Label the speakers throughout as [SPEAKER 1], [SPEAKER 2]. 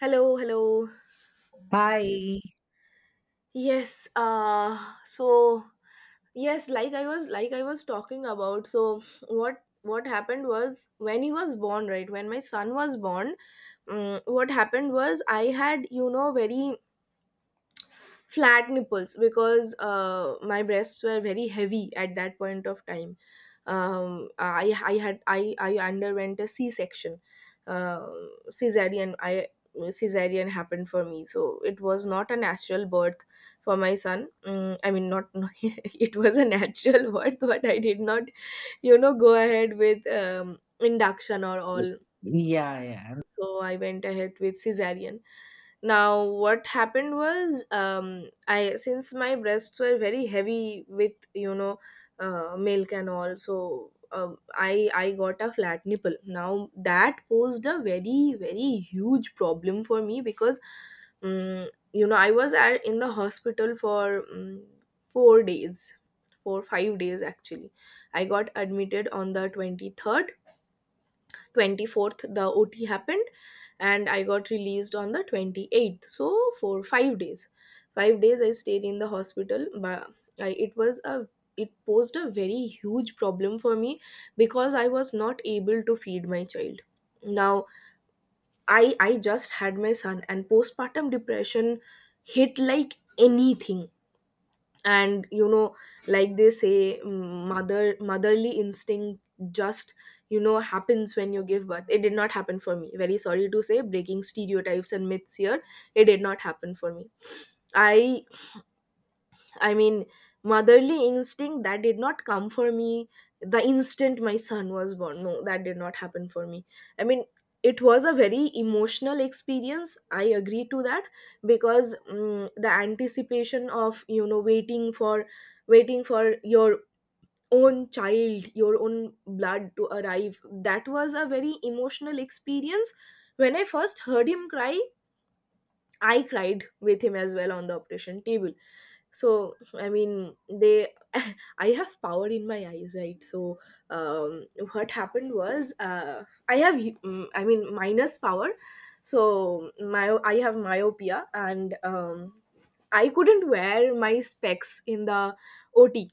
[SPEAKER 1] Hello, hello.
[SPEAKER 2] Hi.
[SPEAKER 1] Yes, so yes, like I was talking about. So what happened was when he was born, right? When my son was born, what happened was I had, very flat nipples, because my breasts were very heavy at that point of time. Um, i i had i i underwent a C-section. uh, cesarean i cesarean happened for me, so it was not a natural birth for my son. I mean, not— it was a natural birth, but I did not, go ahead with induction or all.
[SPEAKER 2] Yeah, yeah.
[SPEAKER 1] So I went ahead with cesarean. Now, what happened was, I since my breasts were very heavy with, milk and all, so, I got a flat nipple. Now that posed a very, very huge problem for me, because, I was in the hospital for 4 days, 4, 5 days actually. I got admitted on the 23rd, 24th. The OT happened, and I got released on the 28th. So for 5 days, 5 days I stayed in the hospital. But I, it was a it posed a very huge problem for me, because I was not able to feed my child. Now, i I just had my son, and postpartum depression hit, like, anything. And, like they say, motherly instinct just, happens when you give birth. It did not happen for me. Very sorry to say, breaking stereotypes and myths here, it did not happen for me. i I mean, motherly instinct, that did not come for me the instant my son was born. No, that did not happen for me. I mean, it was a very emotional experience. I agree to that, because the anticipation of, waiting for your own child, your own blood, to arrive. That was a very emotional experience. When I first heard him cry, I cried with him as well on the operation table. So I mean, they I have power in my eyes, right? So, um, what happened was, I have, I mean, minus power. So, my I have myopia. And, I couldn't wear my specs in the OT,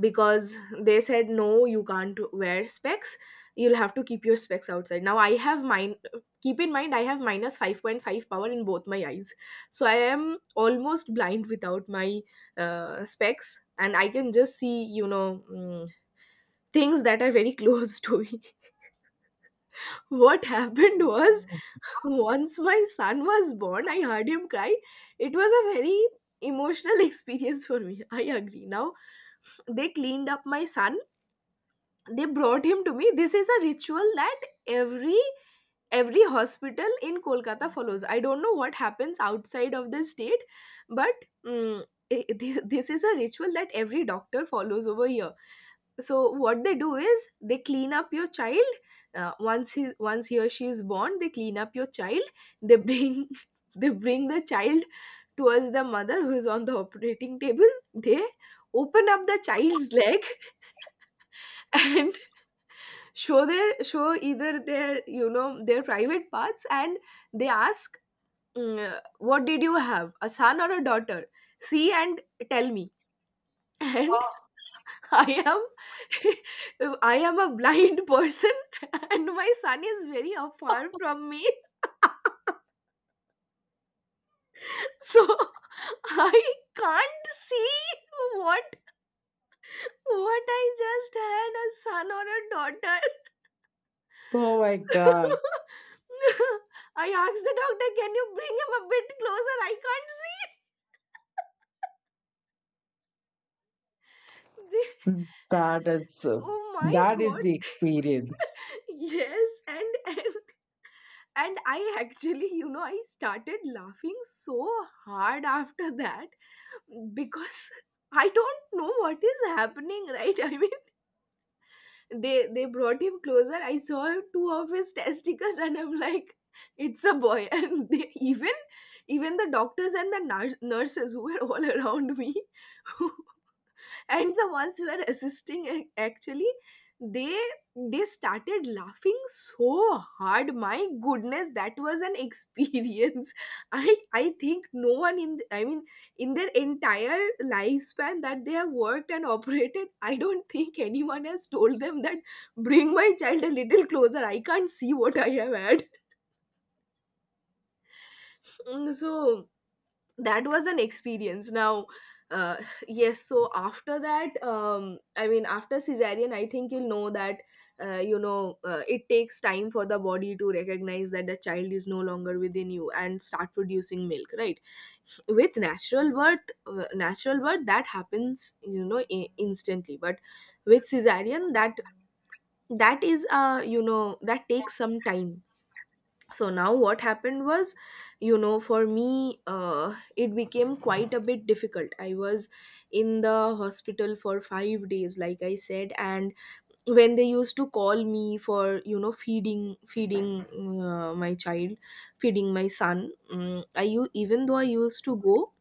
[SPEAKER 1] because they said, no, you can't wear specs, you'll have to keep your specs outside. Now, I have mine. Keep in mind, I have minus 5.5 power in both my eyes. So I am almost blind without my specs, and I can just see, things that are very close to me. What happened was, once my son was born, I heard him cry. It was a very emotional experience for me, I agree. Now, they cleaned up my son, they brought him to me. This is a ritual that every every hospital in Kolkata follows. I don't know what happens outside of the state. But this is a ritual that every doctor follows over here. So what they do is, they clean up your child. Once he or she is born, they clean up your child, they bring they bring the child towards the mother who is on the operating table. They open up the child's leg and show either their, their private parts. And they ask, what did you have, a son or a daughter? See and tell me. And
[SPEAKER 2] Oh,
[SPEAKER 1] I am I am a blind person. And my son is very afar from me. So I can't see what— I just had, a son or a daughter?
[SPEAKER 2] Oh my God,
[SPEAKER 1] I asked the doctor, can you bring him a bit closer? I can't see. They-
[SPEAKER 2] that is uh,
[SPEAKER 1] oh my
[SPEAKER 2] that is
[SPEAKER 1] God.
[SPEAKER 2] the experience.
[SPEAKER 1] Yes, and I actually, I started laughing so hard after that, because I don't know what is happening, right? I mean, they brought him closer, I saw two of his testicles, and I'm like, it's a boy. And they even even the doctors and the nurses who were all around me, who and the ones who were assisting, actually, they they started laughing so hard. My goodness, that was an experience. I think, no one in I mean, in their entire lifespan that they have worked and operated, I don't think anyone has told them that, bring my child a little closer, I can't see what I have had. So that was an experience. Now, uh, yes, so after that, I mean, after cesarean, I think you'll know that, it takes time for the body to recognize that the child is no longer within you and start producing milk, right? With natural birth, that happens, instantly. But with cesarean, that is, that takes some time. So now, what happened was, for me, it became quite a bit difficult. I was in the hospital for 5 days, like I said. And when they used to call me for, feeding my child, feeding my son, I, even though I used to go,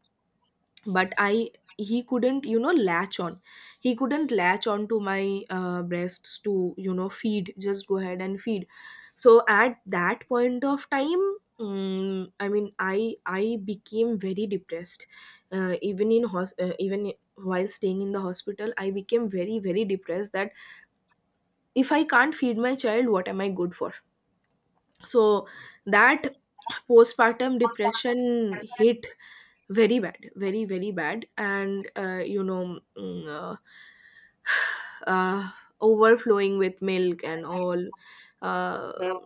[SPEAKER 1] but I he couldn't, latch on. He couldn't latch on to my breasts to, feed, just go ahead and feed. So at that point of time, I mean, I became very depressed. Even in even while staying in the hospital, I became very, very depressed that if I can't feed my child, what am I good for? So that postpartum depression hit very bad, very, very bad. And, uh, overflowing with milk and all. uh,
[SPEAKER 2] No.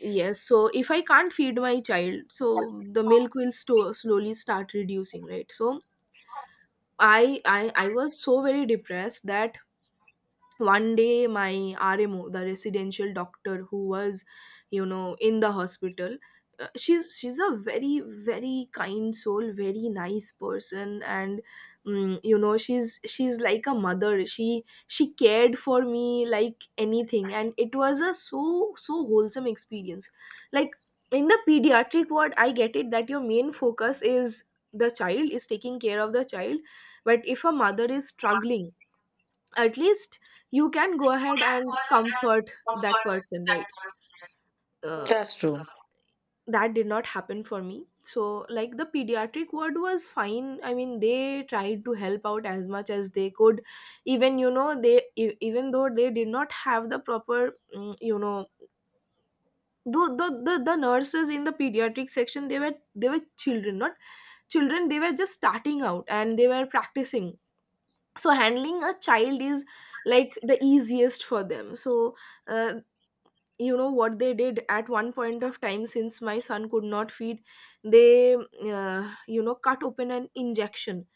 [SPEAKER 1] yes, so if I can't feed my child, so the milk will slowly start reducing, right? So I was so very depressed that one day my RMO, the residential doctor, who was, in the hospital. She's a very, very kind soul, very nice person. And, she's like a mother, she cared for me like anything, and it was a so, so wholesome experience. Like, in the pediatric ward, I get it that your main focus is the child, is taking care of the child. But if a mother is struggling, at least you can go ahead and comfort that person, right? uh,
[SPEAKER 2] That's true.
[SPEAKER 1] that did not happen for me. So, like, the pediatric ward was fine, I mean, they tried to help out as much as they could, even, even though they did not have the proper, the nurses in the pediatric section. They were, children, not children, they were just starting out and they were practicing. So handling a child is, like, the easiest for them. So, uh, you know what they did at one point of time? Since my son could not feed, they, you know, cut open an injection,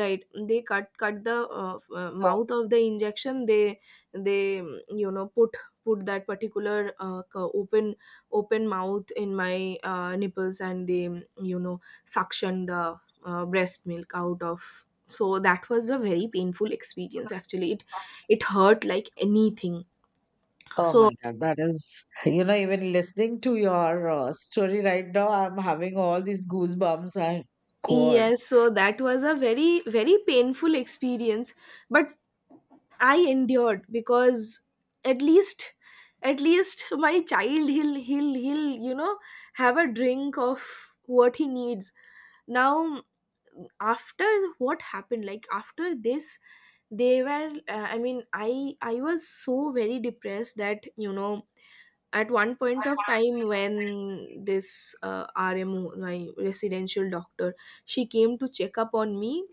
[SPEAKER 1] right? They cut the
[SPEAKER 2] Oh,
[SPEAKER 1] mouth of the injection. They put that particular open mouth in my nipples. And they, you know, suction the breast milk out of. So that was a very painful experience, actually, it hurt like anything.
[SPEAKER 2] oh
[SPEAKER 1] So,
[SPEAKER 2] my God, that is even listening to your story right now, I'm having all these goosebumps. I God,
[SPEAKER 1] yes, so that was a very, very painful experience. But I endured, because at least, at least my child, he'll, have a drink of what he needs. Now, after what happened, like after this, they were, I mean, I was so very depressed that, you know, at one point of time when this RMO, my residential doctor, she came to check up on me.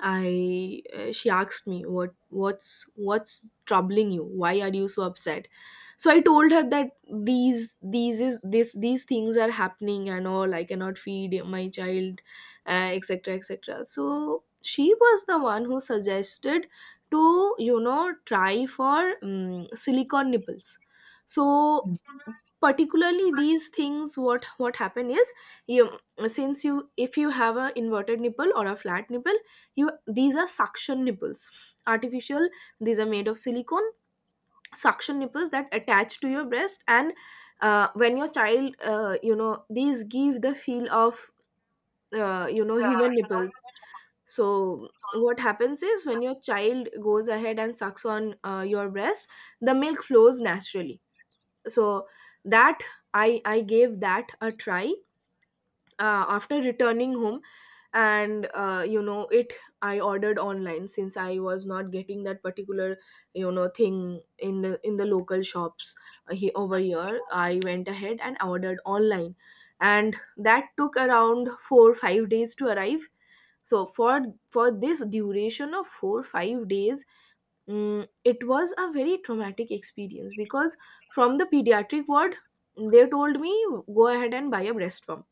[SPEAKER 1] I She asked me, what's troubling you, why are you so upset? So I told her that these is this these things are happening and all, I cannot feed my child, etc etc. So she was the one who suggested to, try for silicone nipples. So particularly, these things, what happen is, you, since you, if you have a inverted nipple or a flat nipple, you, these are suction nipples, artificial, these are made of silicone suction nipples that attach to your breast. And when your child, these give the feel of, human nipples. So what happens is, when your child goes ahead and sucks on your breast, the milk flows naturally. So that, i I gave that a try after returning home. And you know it I ordered online, since I was not getting that particular, you know, thing in the local shops. Over here, I went ahead and ordered online, and that took around 4-5 days to arrive. So for this duration of 4-5 days, it was a very traumatic experience, because from the pediatric ward they told me, go ahead and buy a breast pump.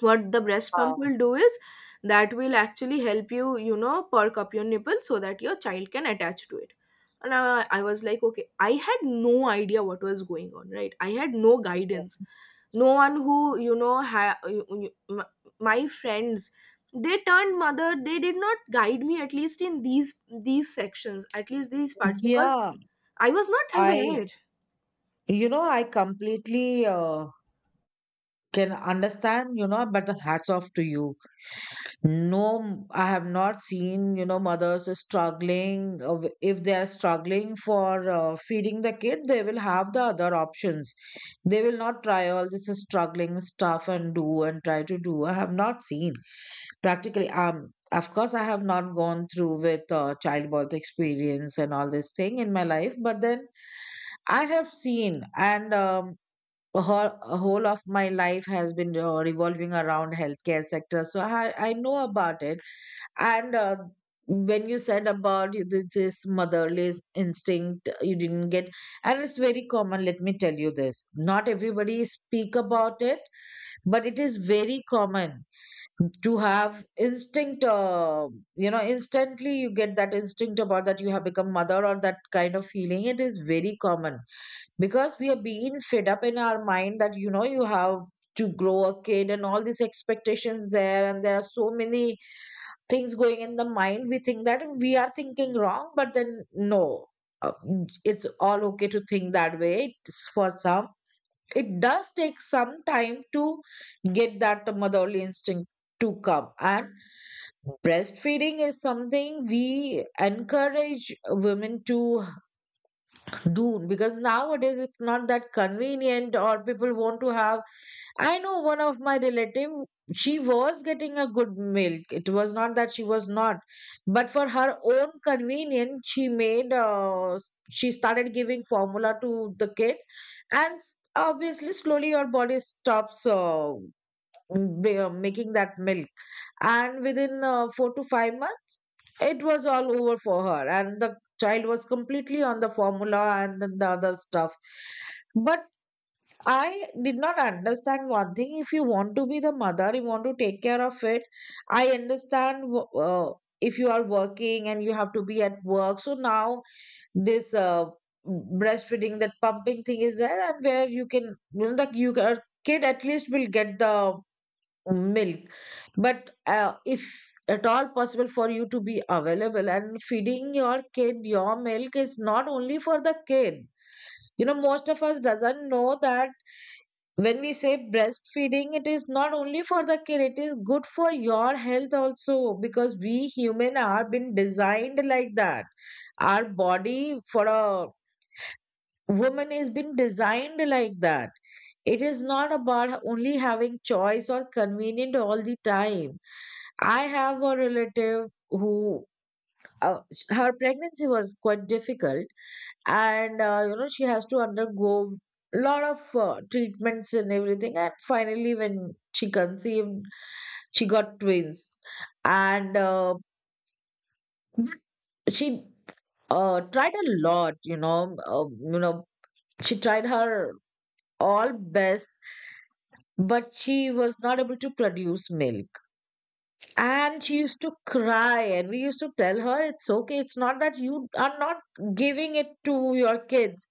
[SPEAKER 1] What the breast pump
[SPEAKER 2] uh,
[SPEAKER 1] will do is, that will actually help you, you know, perk up your nipple so that your child can attach to it. And I was like, okay, I had no idea what was going on, right? I had no guidance, no one who, you know, my friends, they turned mother, they did not guide me, at least in these sections, at least these parts, because
[SPEAKER 2] yeah,
[SPEAKER 1] I was not
[SPEAKER 2] I
[SPEAKER 1] aware.
[SPEAKER 2] I completely can understand. You know, but hats off to you. No, I have not seen, mothers struggling. If they are struggling for feeding the kid, they will have the other options. They will not try all this struggling stuff and do and try to do. I have not seen practically. Of course, I have not gone through with childbirth experience and all this thing in my life, but then I have seen and a whole of my life has been revolving around healthcare sector, so I know about it. And when you said about this motherly instinct, you didn't get, and it's very common. Let me tell you this: not everybody speak about it, but it is very common to have instinct. Instantly you get that instinct about that you have become mother or that kind of feeling. It is very common because we are being fed up in our mind that you have to grow a kid, and all these expectations there, and there are so many things going in the mind, we think that we are thinking wrong, but then no. Uh, it's all okay to think that way. It's for some it does take some time to get that motherly instinct to come, and breastfeeding is something we encourage women to do, because nowadays it's not that convenient, or people want to have. I know one of my relative, she was getting a good milk. It was not that she was not, but for her own convenience, she started giving formula to the kid, and obviously, slowly your body stops making that milk, and within 4 to 5 months, it was all over for her, and the child was completely on the formula and the other stuff. But I did not understand one thing. If you want to be the mother, you want to take care of it. I understand if you are working and you have to be at work. So now this breastfeeding, that pumping thing is there, and where you can, you know, that your kid at least will get the milk. But if at all possible for you to be available and feeding your kid, your milk is not only for the kid. You know most of us doesn't know that when we say breastfeeding it is not only for the kid, it is good for your health also, because we human are been designed like that, our body for a woman is been designed like that. It is not about only having choice or convenient all the time. I have a relative who her pregnancy was quite difficult, and she has to undergo a lot of treatments and everything, and finally when she conceived she got twins, and she tried a lot, you know she tried her all best, but she was not able to produce milk. And she used to cry, and we used to tell her it's okay, it's not that you are not giving it to your kids.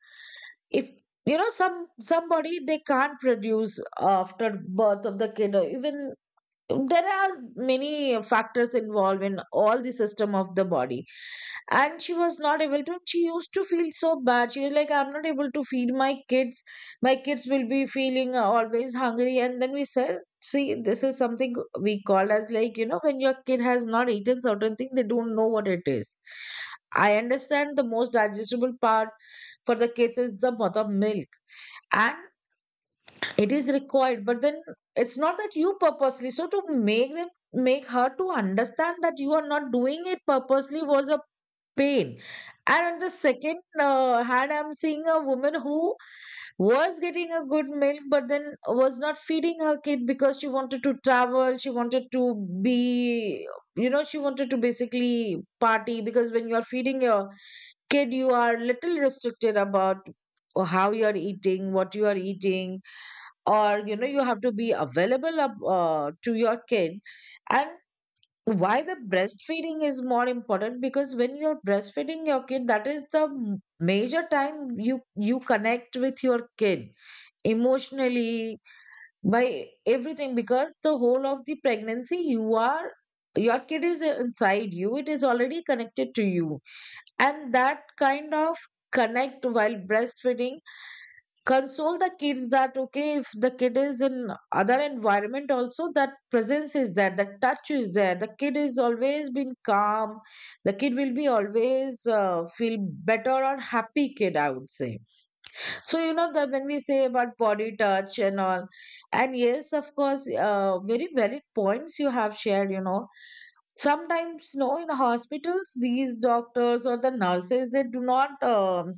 [SPEAKER 2] If somebody they can't produce after birth of the kid, or even there are many factors involved in all the system of the body. And she was not able to she used to feel so bad, she was like, I'm not able to feed my kids, my kids will be feeling always hungry. And then we said, see, this is something we call as, like, when your kid has not eaten certain thing, they don't know what it is. I understand the most digestible part for the kids is the mother milk, and it is required, but then it's not that you purposely so to make her to understand that you are not doing it purposely was a pain. And on the second hand, I'm seeing a woman who was getting a good milk but then was not feeding her kid because she wanted to travel, she wanted to be you know she wanted to basically party, because when you are feeding your kid you are little restricted about how you are eating, what you are eating, or you know you have to be available up, to your kid. And why the breastfeeding is more important, because when you're breastfeeding your kid, that is the major time you connect with your kid emotionally, by everything, because the whole of the pregnancy your kid is inside you, it is already connected to you. And that kind of connect while breastfeeding console the kids that, okay, if the kid is in other environment also, that presence is there, that touch is there, the kid is always been calm. The kid will be always feel better, or happy kid, I would say. So that when we say about body touch and all, and yes, of course, very valid points you have shared. You know sometimes in hospitals, these doctors or the nurses, they do not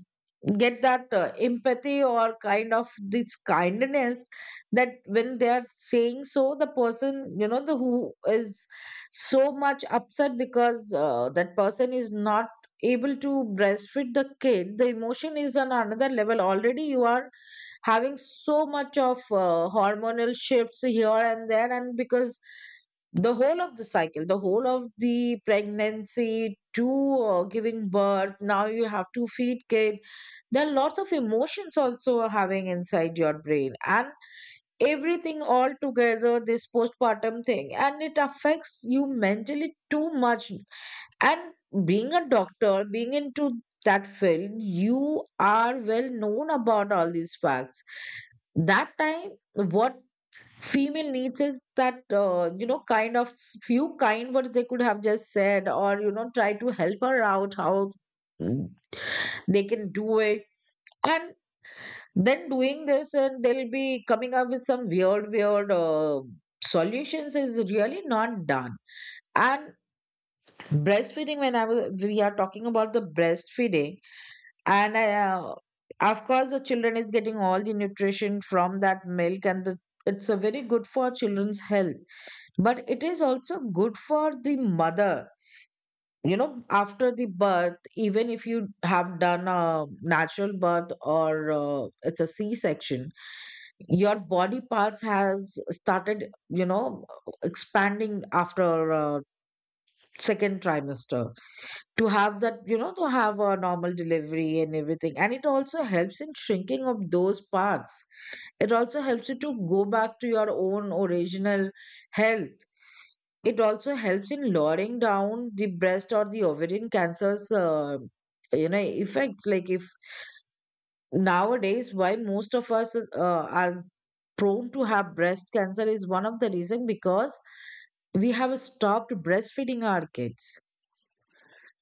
[SPEAKER 2] get that empathy or kind of this kindness. That when they are saying so, the person, the who is so much upset because that person is not able to breastfeed the kid, the emotion is on another level already. You are having so much of hormonal shifts here and there, and because the whole of the cycle, the whole of the pregnancy to giving birth, now you have to feed kid, there are lots of emotions also having inside your brain, and everything all together, this postpartum thing, and it affects you mentally too much. And being a doctor, being into that field, you are well known about all these facts. That time what female needs is that kind of few kind words they could have just said, or try to help her out how Mm. they can do it. And then doing this, and they'll be coming up with some weird solutions is really not done. And breastfeeding, when I was we are talking about the breastfeeding, and of course the children is getting all the nutrition from that milk, and the, it's a very good for children's health, but it is also good for the mother. You know after the birth, even if you have done a natural birth, or it's a C-section, your body parts has started, expanding after second trimester, to have that you know to have a normal delivery and everything, and it also helps in shrinking of those parts. It also helps you to go back to your own original health. It also helps in lowering down the breast or the ovarian cancers, effects. Like if nowadays, why most of us are prone to have breast cancer is one of the reason, because we have stopped breastfeeding our kids.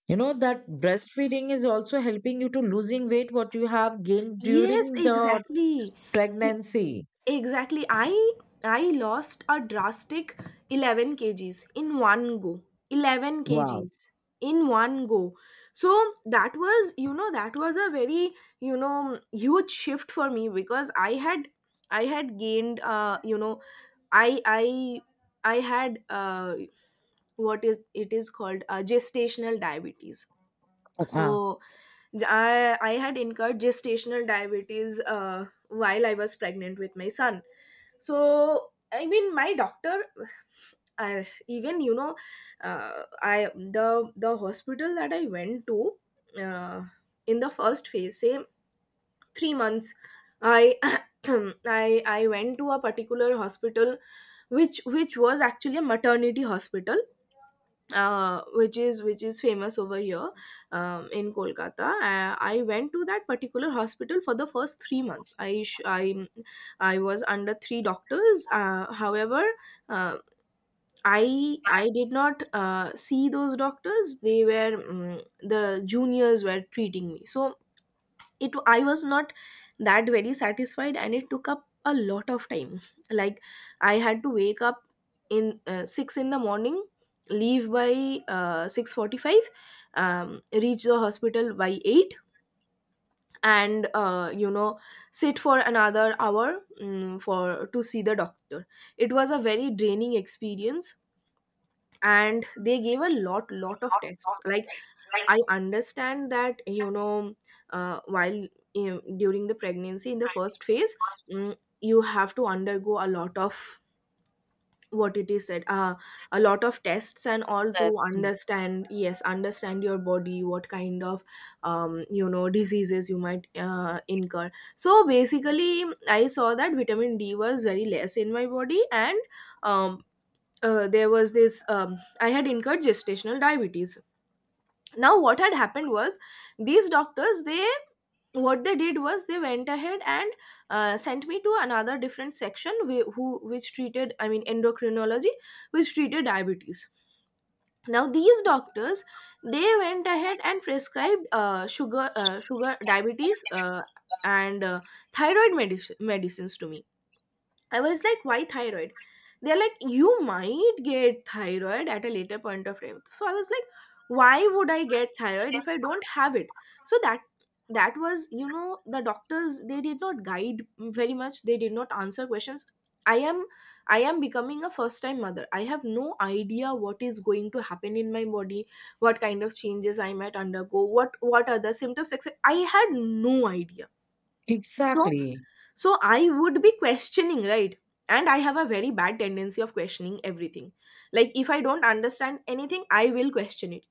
[SPEAKER 2] You know that breastfeeding is also helping you to losing weight what you have gained
[SPEAKER 1] Yes,
[SPEAKER 2] during the
[SPEAKER 1] exactly. I-
[SPEAKER 2] pregnancy.
[SPEAKER 1] Exactly. I lost a drastic 11 kgs in one go. 11
[SPEAKER 2] Wow.
[SPEAKER 1] kgs in one go. So that was, you know, that was a very, you know, huge shift for me, because I had gained, I I I had what is it is called, gestational diabetes.
[SPEAKER 2] Uh,
[SPEAKER 1] So, I had incurred gestational diabetes while I was pregnant with my son. So, I mean, my doctor even, you know, I the hospital that I went to uh, in the first phase, say, 3 months, I I went to a particular hospital, which was actually a maternity hospital, which is famous over here, in Kolkata. I went to that particular hospital for the first 3 months. I sh- I was under three doctors. Uh, however, uh, I I did not see those doctors. They were, the juniors were treating me. So it I was not that very satisfied, and it took up a lot of time. Like, I had to wake up in, 6 in the morning, leave by 6:45, um, reach the hospital by 8, and sit for another hour, for to see the doctor. It was a very draining experience, and they gave a lot of tests. Like, I understand that, you know, while, during the pregnancy, in the first phase, you have to undergo a lot of what it is said, a lot of tests and all, to understand, yes, understand your body, what kind of, diseases you might incur. So basically I saw that vitamin D was very less in my body, and, um, there was this, I had incurred gestational diabetes. Now what had happened was, these doctors, they, what they did was, they went ahead and sent me to another different section, whi- who which treated, I mean, endocrinology, which treated diabetes. Now these doctors, they went ahead and prescribed sugar, sugar diabetes, and thyroid medicines to me. I was like, why thyroid? They're like, you might get thyroid at a later point of time. So I was like, why would I get thyroid if I don't have it? So that was, you know, the doctors, they did not guide very much. They did not answer questions. I am I am becoming a first time mother. I have no idea what is going to happen in my body, what kind of changes I might undergo, what are the symptoms, etc. I had no idea. So
[SPEAKER 2] Exactly.
[SPEAKER 1] so I would be questioning, right? And I have a very bad tendency of questioning everything. Like if I don't understand anything, I will question it.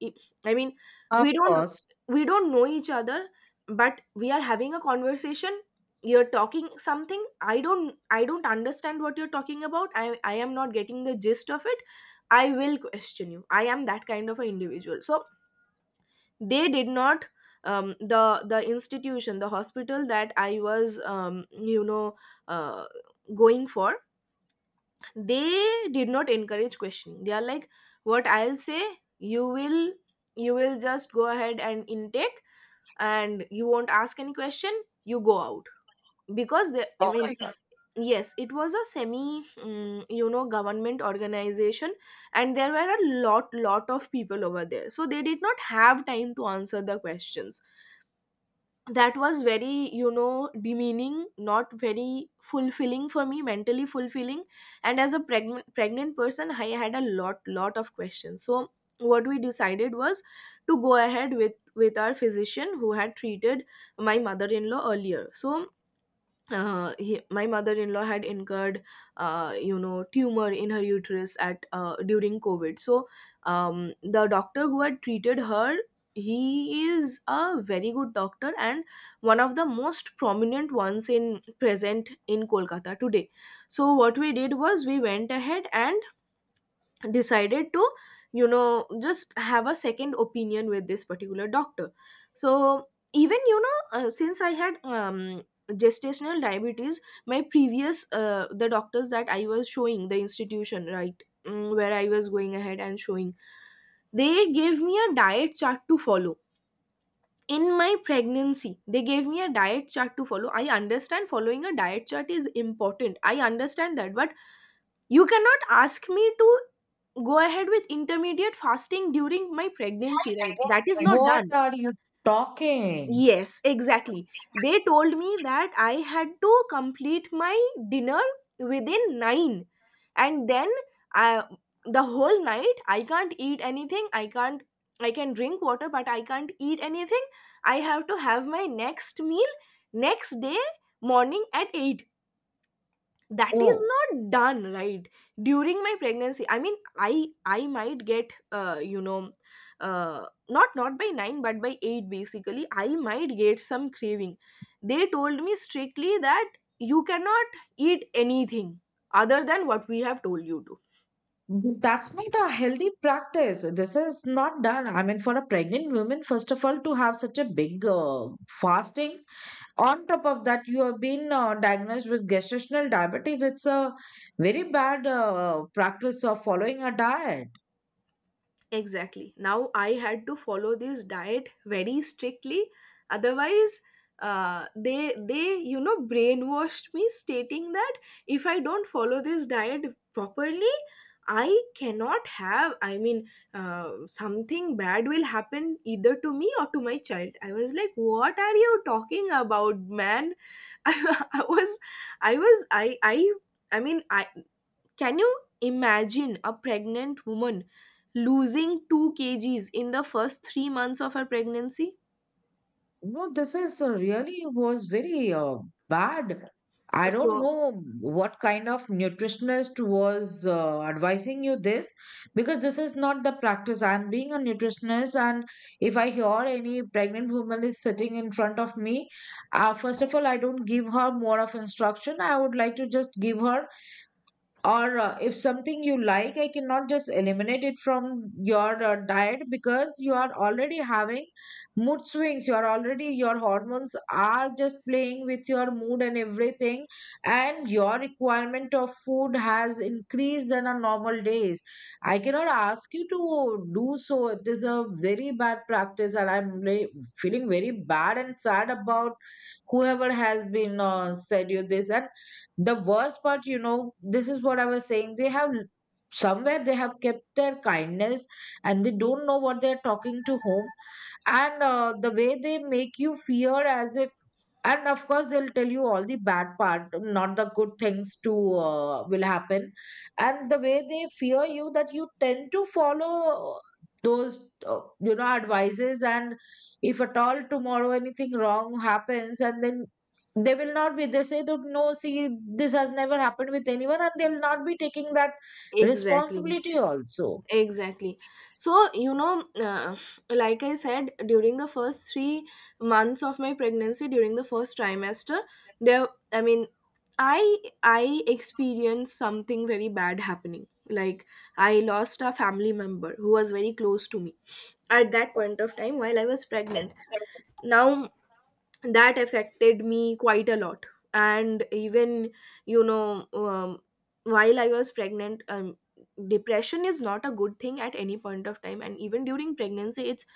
[SPEAKER 1] I mean, we
[SPEAKER 2] Of
[SPEAKER 1] don't
[SPEAKER 2] course.
[SPEAKER 1] we don't know each other, but we are having a conversation. You're talking something, I don't understand what you're talking about. I am not getting the gist of it. I will question you. I am that kind of an individual. So they did not, the institution, the hospital that I was, uh, going for, they did not encourage questioning. They are like, what I'll say, you will you will just go ahead and intake, and you won't ask any question, you go out. Because they, I
[SPEAKER 2] Of
[SPEAKER 1] mean,
[SPEAKER 2] course.
[SPEAKER 1] yes, it was a semi, government organization, and there were a lot of people over there, so they did not have time to answer the questions. That was very, you know, demeaning, not very fulfilling for me, mentally fulfilling. And as a pregnant person, I had a lot of questions. So what we decided was to go ahead with our physician who had treated my mother-in-law earlier. So my mother-in-law had incurred, tumor in her uterus at, during COVID. So, the doctor who had treated her, he is a very good doctor, and one of the most prominent ones in present in Kolkata today. So what we did was, we went ahead and decided to, you know, just have a second opinion with this particular doctor. So even, you know, since I had, gestational diabetes, my previous, the doctors that I was showing, the institution, right, where I was going ahead and showing, they gave me a diet chart to follow. In my pregnancy, they gave me a diet chart to follow. I understand following a diet chart is important, I understand that, but you cannot ask me to go ahead with intermediate fasting during my pregnancy, right? That is
[SPEAKER 2] Like,
[SPEAKER 1] not
[SPEAKER 2] what
[SPEAKER 1] done.
[SPEAKER 2] are you talking?
[SPEAKER 1] Yes, exactly. They told me that I had to complete my dinner within 9, and then, I, the whole night I can't eat anything. I can't I can drink water, but I can't eat anything. I have to have my next meal next day morning at 8. That is
[SPEAKER 2] Oh,
[SPEAKER 1] not done, right? During my pregnancy, I mean, I might get, not by 9 but by 8, basically I might get some craving. They told me strictly that you cannot eat anything other than what we have told you to.
[SPEAKER 2] that's not a healthy practice. This is not done. I mean, for a pregnant woman, first of all, to have such a big fasting, on top of that, you have been diagnosed with gestational diabetes. It's a very bad practice of following a diet.
[SPEAKER 1] Exactly. Now I had to follow this diet very strictly. Otherwise, they, you know, brainwashed me, stating that if I don't follow this diet properly, I cannot have. I mean, something bad will happen either to me or to my child. I was like, what are you talking about, man? I, I was, I was, I I I mean, I can you imagine a pregnant woman losing 2 kgs in the first 3 months of her pregnancy?
[SPEAKER 2] No, this is really was very bad. I don't
[SPEAKER 1] So,
[SPEAKER 2] know what kind of nutritionist was advising you this, because this is not the practice. I'm being a nutritionist, and if I hear any pregnant woman is sitting in front of me, first of all, I don't give her more of instruction. I would like to just give her, or if something you like, I cannot just eliminate it from your diet, because you are already having mood swings, you are already, your hormones are just playing with your mood and everything, and your requirement of food has increased than on normal days. I cannot ask you to do so. It is a very bad practice, and I'm feeling very bad and sad about whoever has been said you this. And the worst part, this is what I was saying, they have somewhere they have kept their kindness, and they don't know what they're talking to whom. And the way they make you fear as if, and of course they'll tell you all the bad part, not the good things to will happen, and the way they fear you that you tend to follow those advices. And if at all tomorrow anything wrong happens, and then they will not be they say that, no, see, this has never happened with anyone, and they'll not be taking that
[SPEAKER 1] exactly.
[SPEAKER 2] responsibility also.
[SPEAKER 1] Exactly. So, you know, like I said, during the first 3 months of my pregnancy, during the first trimester, there, I mean, I experienced something very bad happening. Like, I lost a family member who was very close to me at that point of time while I was pregnant. Now that affected me quite a lot, and even, you know, while I was pregnant, depression is not a good thing at any point of time, and even during pregnancy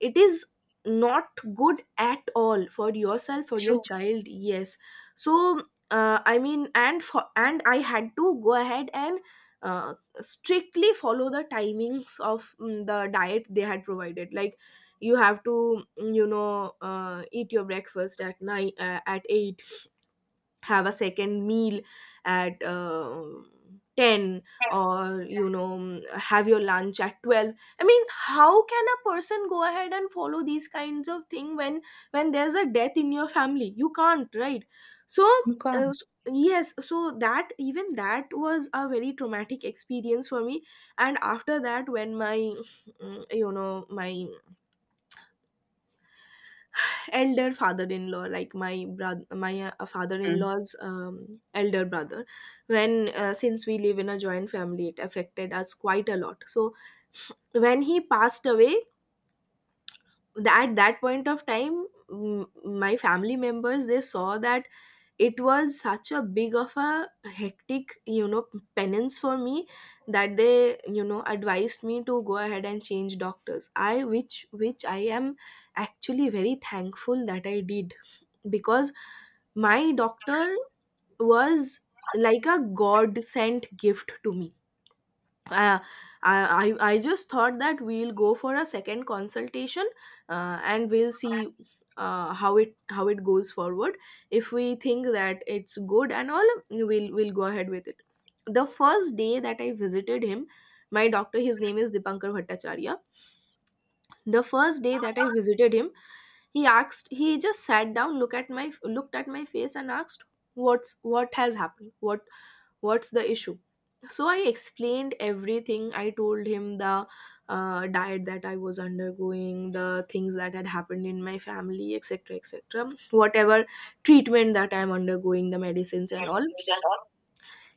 [SPEAKER 1] it is not good at all, for yourself, for your
[SPEAKER 2] True.
[SPEAKER 1] child. Yes, so I mean, and I had to go ahead and uh, strictly follow the timings of, the diet they had provided. Like, you have to, eat your breakfast at nine, at 8, have a second meal at 10, or, you know, have your lunch at 12. I mean, how can a person go ahead and follow these kinds of thing when, there's a death in your family? You can't, right? So
[SPEAKER 2] You
[SPEAKER 1] uh,
[SPEAKER 2] can't.
[SPEAKER 1] s- yes, so that, even that was a very traumatic experience for me. And after that when my, my elder father-in-law, like my brother, my
[SPEAKER 2] Hmm.
[SPEAKER 1] father-in-law's, elder brother, when since we live in a joint family, it affected us quite a lot. So when he passed away, at that point of time, my family members, they saw that it was such a big of a hectic, you know, penance for me, that they, you know, advised me to go ahead and change doctors, I which I am actually very thankful that I did, because my doctor was like a god sent gift to me. I, I just thought that we'll go for a second consultation, and we'll see how it goes forward. If we think that it's good and all, we'll go ahead with it. The first day that I visited him, my doctor, his name is Dipankar Bhattacharya. The first day that I visited him, he asked, he just sat down, looked at my face and asked, what has happened? What's the issue? So I explained everything. I told him the, diet that I was undergoing, the things that had happened in my family, etc., etc., whatever treatment that I'm undergoing, the medicines and all.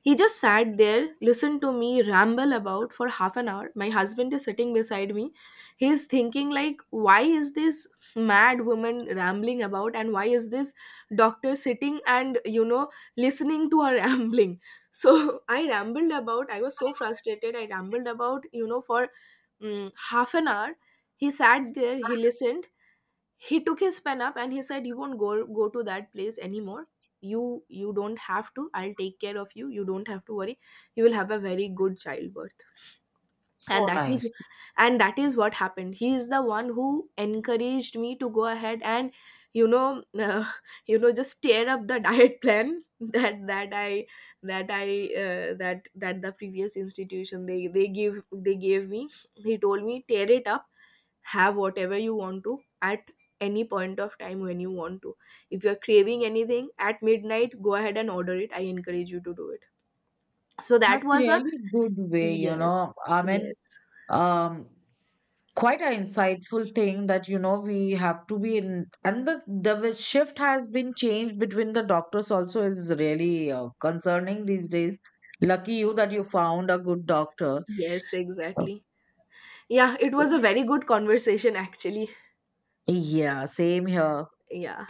[SPEAKER 1] He just sat there, listened to me ramble about for half an hour. My husband is sitting beside me. He's thinking like, why is this mad woman rambling about, and why is this doctor sitting and, you know, listening to her rambling? So I rambled about, I was so frustrated. I rambled about, you know, for, half an hour. He sat there, he listened, he took his pen up and he said, you won't go to that place anymore. You don't have to. I'll take care of you. You don't have to worry. You will have a very good childbirth.
[SPEAKER 2] So
[SPEAKER 1] and that is
[SPEAKER 2] nice.
[SPEAKER 1] and that is what happened. He is the one who encouraged me to go ahead and, you know, you know, just tear up the diet plan that that I that I that that the previous institution, they gave me. He told me, tear it up, have whatever you want to at any point of time when you want to. If you're craving anything at midnight, go ahead and order it. I encourage you to do it. So that
[SPEAKER 2] That's
[SPEAKER 1] was a,
[SPEAKER 2] really good way,
[SPEAKER 1] yes,
[SPEAKER 2] I mean.
[SPEAKER 1] yes,
[SPEAKER 2] Um, quite an insightful thing that we have to be in, and the way shift has been changed between the doctors also is really concerning these days. Lucky you that you found a good doctor.
[SPEAKER 1] yes, exactly. Yeah, it
[SPEAKER 2] So,
[SPEAKER 1] was a very good conversation actually.
[SPEAKER 2] yeah, same here.
[SPEAKER 1] Yeah.